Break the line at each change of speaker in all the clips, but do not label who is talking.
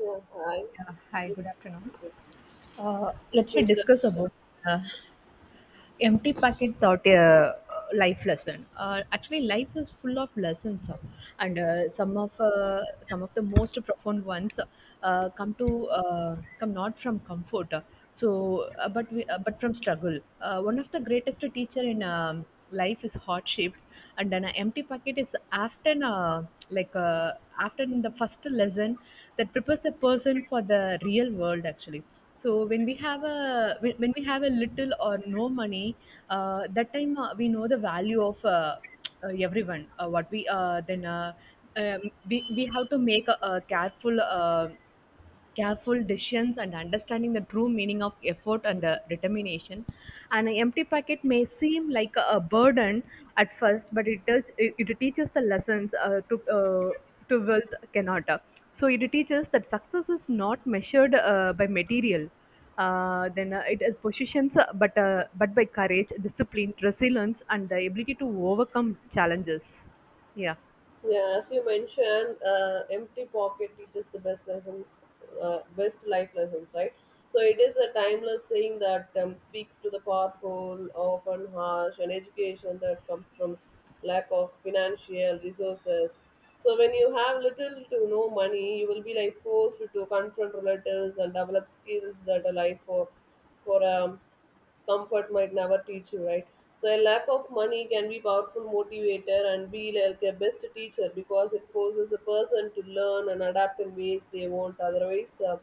Yeah, I
Yeah. Hi, good afternoon. Let's we
appreciate
discuss
stuff.
about uh, empty packet taught a life lesson. Actually, life is full of lessons, and some of the most profound ones come to come not from comfort, but but from struggle. One of the greatest teacher in life is hardship, and an empty packet is often like uh, often the first lesson that prepares a person for the real world actually. So when we have a when we have a little or no money, that time we know the value of everyone. What we then um, we have to make a careful. Careful decisions and understanding the true meaning of effort and determination. And An empty packet may seem like a burden at first, but it teaches the lessons to wealth cannot. So it teaches that success is not measured by material. Then it is positions, but by courage, discipline, resilience, and the ability to overcome challenges. Yeah,
Yeah, as you mentioned, empty pocket teaches the best lesson, best life lessons, right? So it is a timeless saying that speaks to the powerful, often harsh, and education that comes from lack of financial resources. So when you have little to no money, you will be like forced to confront relatives and develop skills that are life for comfort might never teach you, right? So a lack of money can be powerful motivator and be like a best teacher because it forces a person to learn and adapt in ways they won't otherwise.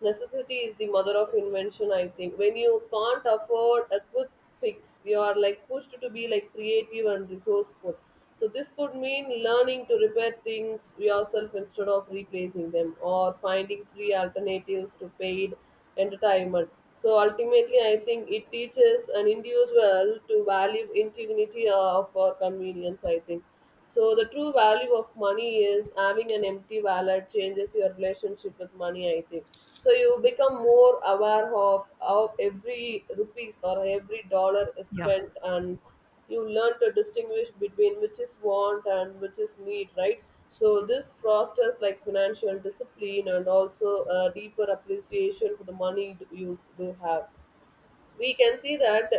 Necessity is the mother of invention, I think. When you can't afford a quick fix, you are like pushed to be like creative and resourceful. So this could mean learning to repair things yourself instead of replacing them, or finding free alternatives to paid entertainment. So ultimately, I think it teaches an individual to value integrity of our convenience, I think so. The true value of money is having an empty wallet changes your relationship with money, I think so. You become more aware of how every rupees or every dollar is
yeah,
spent, and you learn to distinguish between which is want and which is need, right? So this fosters like financial discipline and also a deeper appreciation for the money you do have. We can see that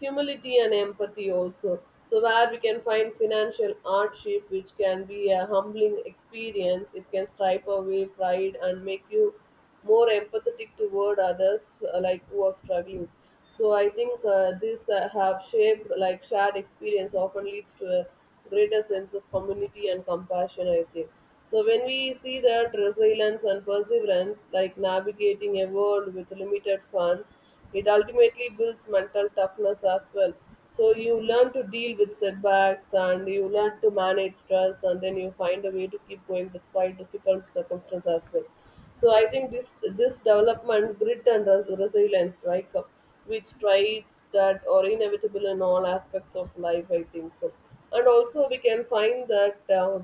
humility and empathy also, so where we can find financial hardship, which can be a humbling experience, it can stripe away pride and make you more empathetic toward others, like who are struggling. So I think this have shaped like shared experience often leads to a greater sense of community and compassion, I think. So when we see that resilience and perseverance like navigating a world with limited funds, it ultimately builds mental toughness as well. So you learn to deal with setbacks and you learn to manage stress, and then you find a way to keep going despite difficult circumstances as well. So I think this development, grit and resilience, right, which traits that are inevitable in all aspects of life, I think so. And also we can find that. Uh,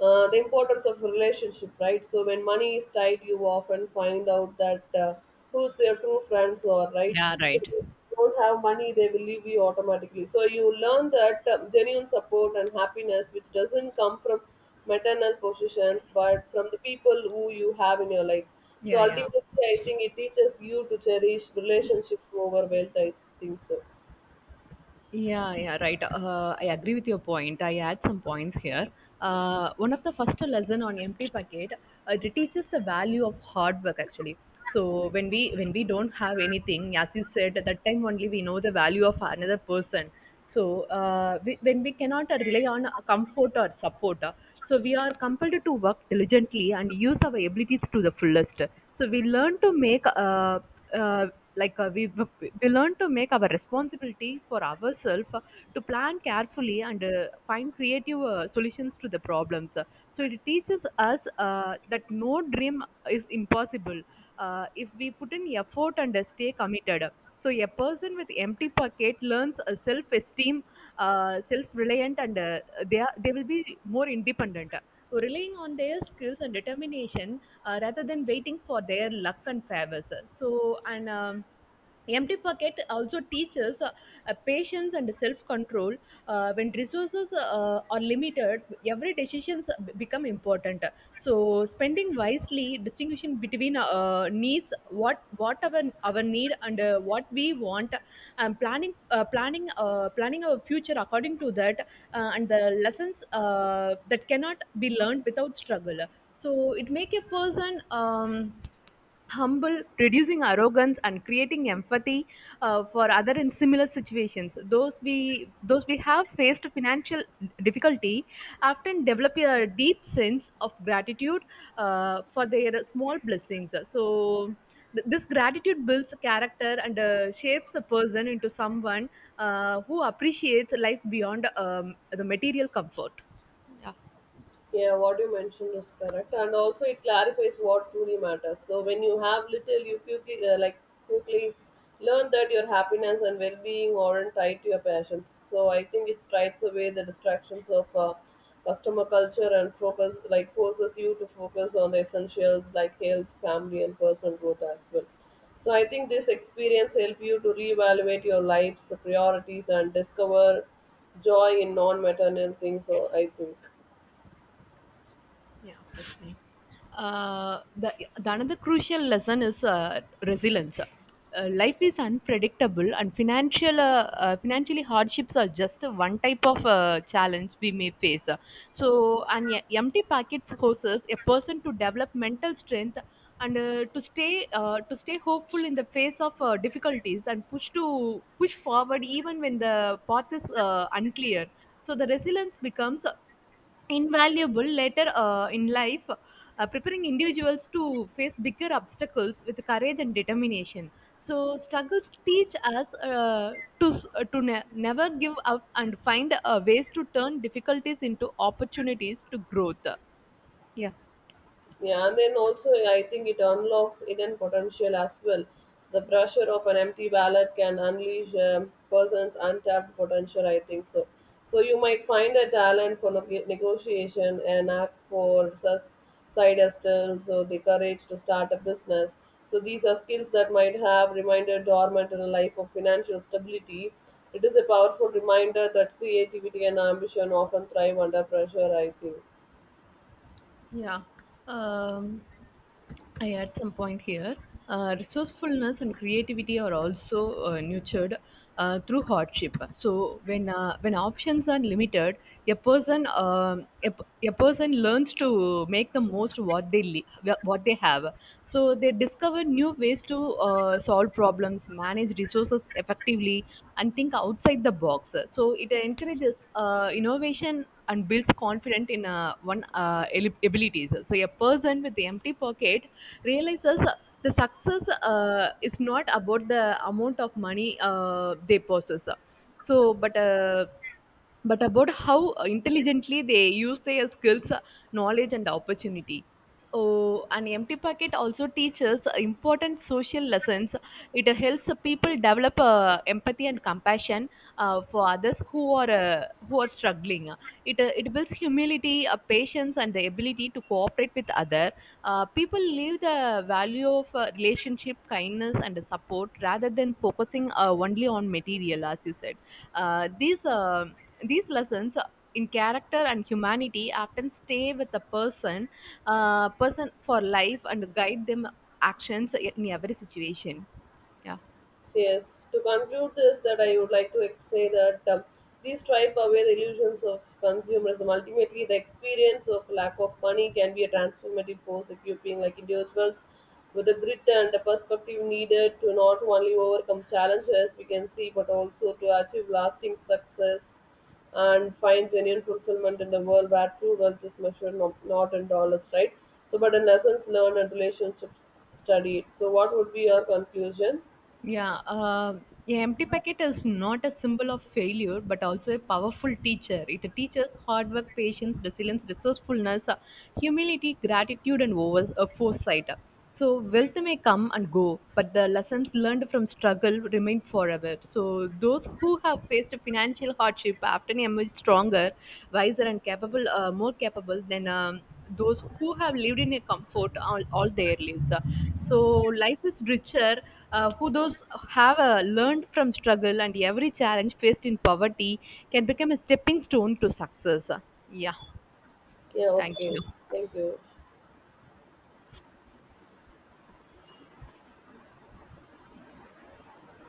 uh, The importance of relationship, right? So when money is tight, you often find out that who's your true friends are, right?
yeah,
So if
right,
you don't have money, they will leave you automatically. So you learn that genuine support and happiness which doesn't come from maternal positions but from the people who you have in your life. So
yeah, yeah.
ultimately I think it teaches you to cherish relationships over wealth, I think so.
Yeah, yeah, right. I agree with your point. I add some points here. One of the first lesson on empty packet, it teaches the value of hard work actually. So when we don't have anything, as you said, at that time only we know the value of another person. So when we cannot rely on comfort or support, so we are compelled to work diligently and use our abilities to the fullest. So we learn to make uh, like uh, we we learn to make our responsibility for ourselves to plan carefully and find creative solutions to the problems. So it teaches us that no dream is impossible if we put in effort and stay committed. So a person with empty pocket learns a self-esteem, self-reliant, and they will be more independent. So relying on their skills and determination rather than waiting for their luck and favors. So and Empty pocket also teaches patience and self-control. When resources are limited, every decisions become important. So, spending wisely, distinguishing between needs, what our need and what we want, and planning our future according to that, and the lessons that cannot be learned without struggle. So, it make a person. Humble, reducing arrogance, and creating empathy for other in similar situations. Those we have faced financial difficulty often develop a deep sense of gratitude for their small blessings. So. This gratitude builds character and shapes a person into someone who appreciates life beyond the material comfort. Yeah.
Yeah, what you mentioned is correct, and also it clarifies what truly matters. So when you have little, you quickly quickly learn that your happiness and well-being aren't tied to your passions. So I think it stripes away the distractions of customer culture, and focus like forces you to focus on the essentials like health, family, and personal growth as well. So I think this experience help you to reevaluate your life's priorities and discover joy in non-material things, So I think.
Yeah, okay, fine. Uh, the, the another crucial lesson is resilience. Life is unpredictable, and financially hardships are just one type of challenge we may face. So, an empty pocket forces a person to develop mental strength and to stay hopeful in the face of difficulties and push forward even when the path is unclear. So, the resilience becomes invaluable later in life, preparing individuals to face bigger obstacles with courage and determination. So struggles teach us to never give up and find ways to turn difficulties into opportunities to growth. Yeah.
Yeah, and then also I think it unlocks hidden potential as well. The pressure of an empty ballot can unleash a person's untapped potential, I think so. So you might find a talent for negotiation, an act for side hustle, so the courage to start a business. So these are skills that might have remained dormant in a life of financial stability. It is a powerful reminder that creativity and ambition often thrive under pressure, I think.
Yeah. Um, I add some point here. Resourcefulness and creativity are also nurtured through hardship. So when options are limited, a person a person learns to make the most what what they have. So they discover new ways to solve problems, manage resources effectively, and think outside the box. So it encourages innovation and builds confidence in abilities. So a person with the empty pocket realizes the success is not about the amount of money they possess. So, but about how intelligently they use their skills, knowledge, and opportunity. So, an empty pocket also teaches important social lessons. It helps people develop empathy and compassion for others who are struggling. It builds humility, patience, and the ability to cooperate with other. People live the value of relationship, kindness, and support rather than focusing only on material, as you said. Uh, these uh, these lessons in character and humanity often stay with a person person for life and guide them actions in every situation. Yeah.
Yes, to conclude this, that I would like to say that these stripe away the illusions of consumerism. Ultimately, the experience of lack of money can be a transformative force, equipping like individuals with the grit and the perspective needed to not only overcome challenges we can see, but also to achieve lasting success and find genuine fulfillment in the world where true wealth is measured not in dollars, right? So, but in lessons learned and relationships studied. So, what would be your conclusion?
Yeah, a empty packet is not a symbol of failure, but also a powerful teacher. It teaches hard work, patience, resilience, resourcefulness, humility, gratitude, and over foresight. So wealth may come and go, but the lessons learned from struggle remain forever. So those who have faced financial hardship often emerge stronger, wiser, and capable, more capable than those who have lived in a comfort all their lives. So life is richer. Who those have learned from struggle and every challenge faced in poverty can become a stepping stone to success. Yeah,
Yeah,
thank
okay.
you.
Thank you.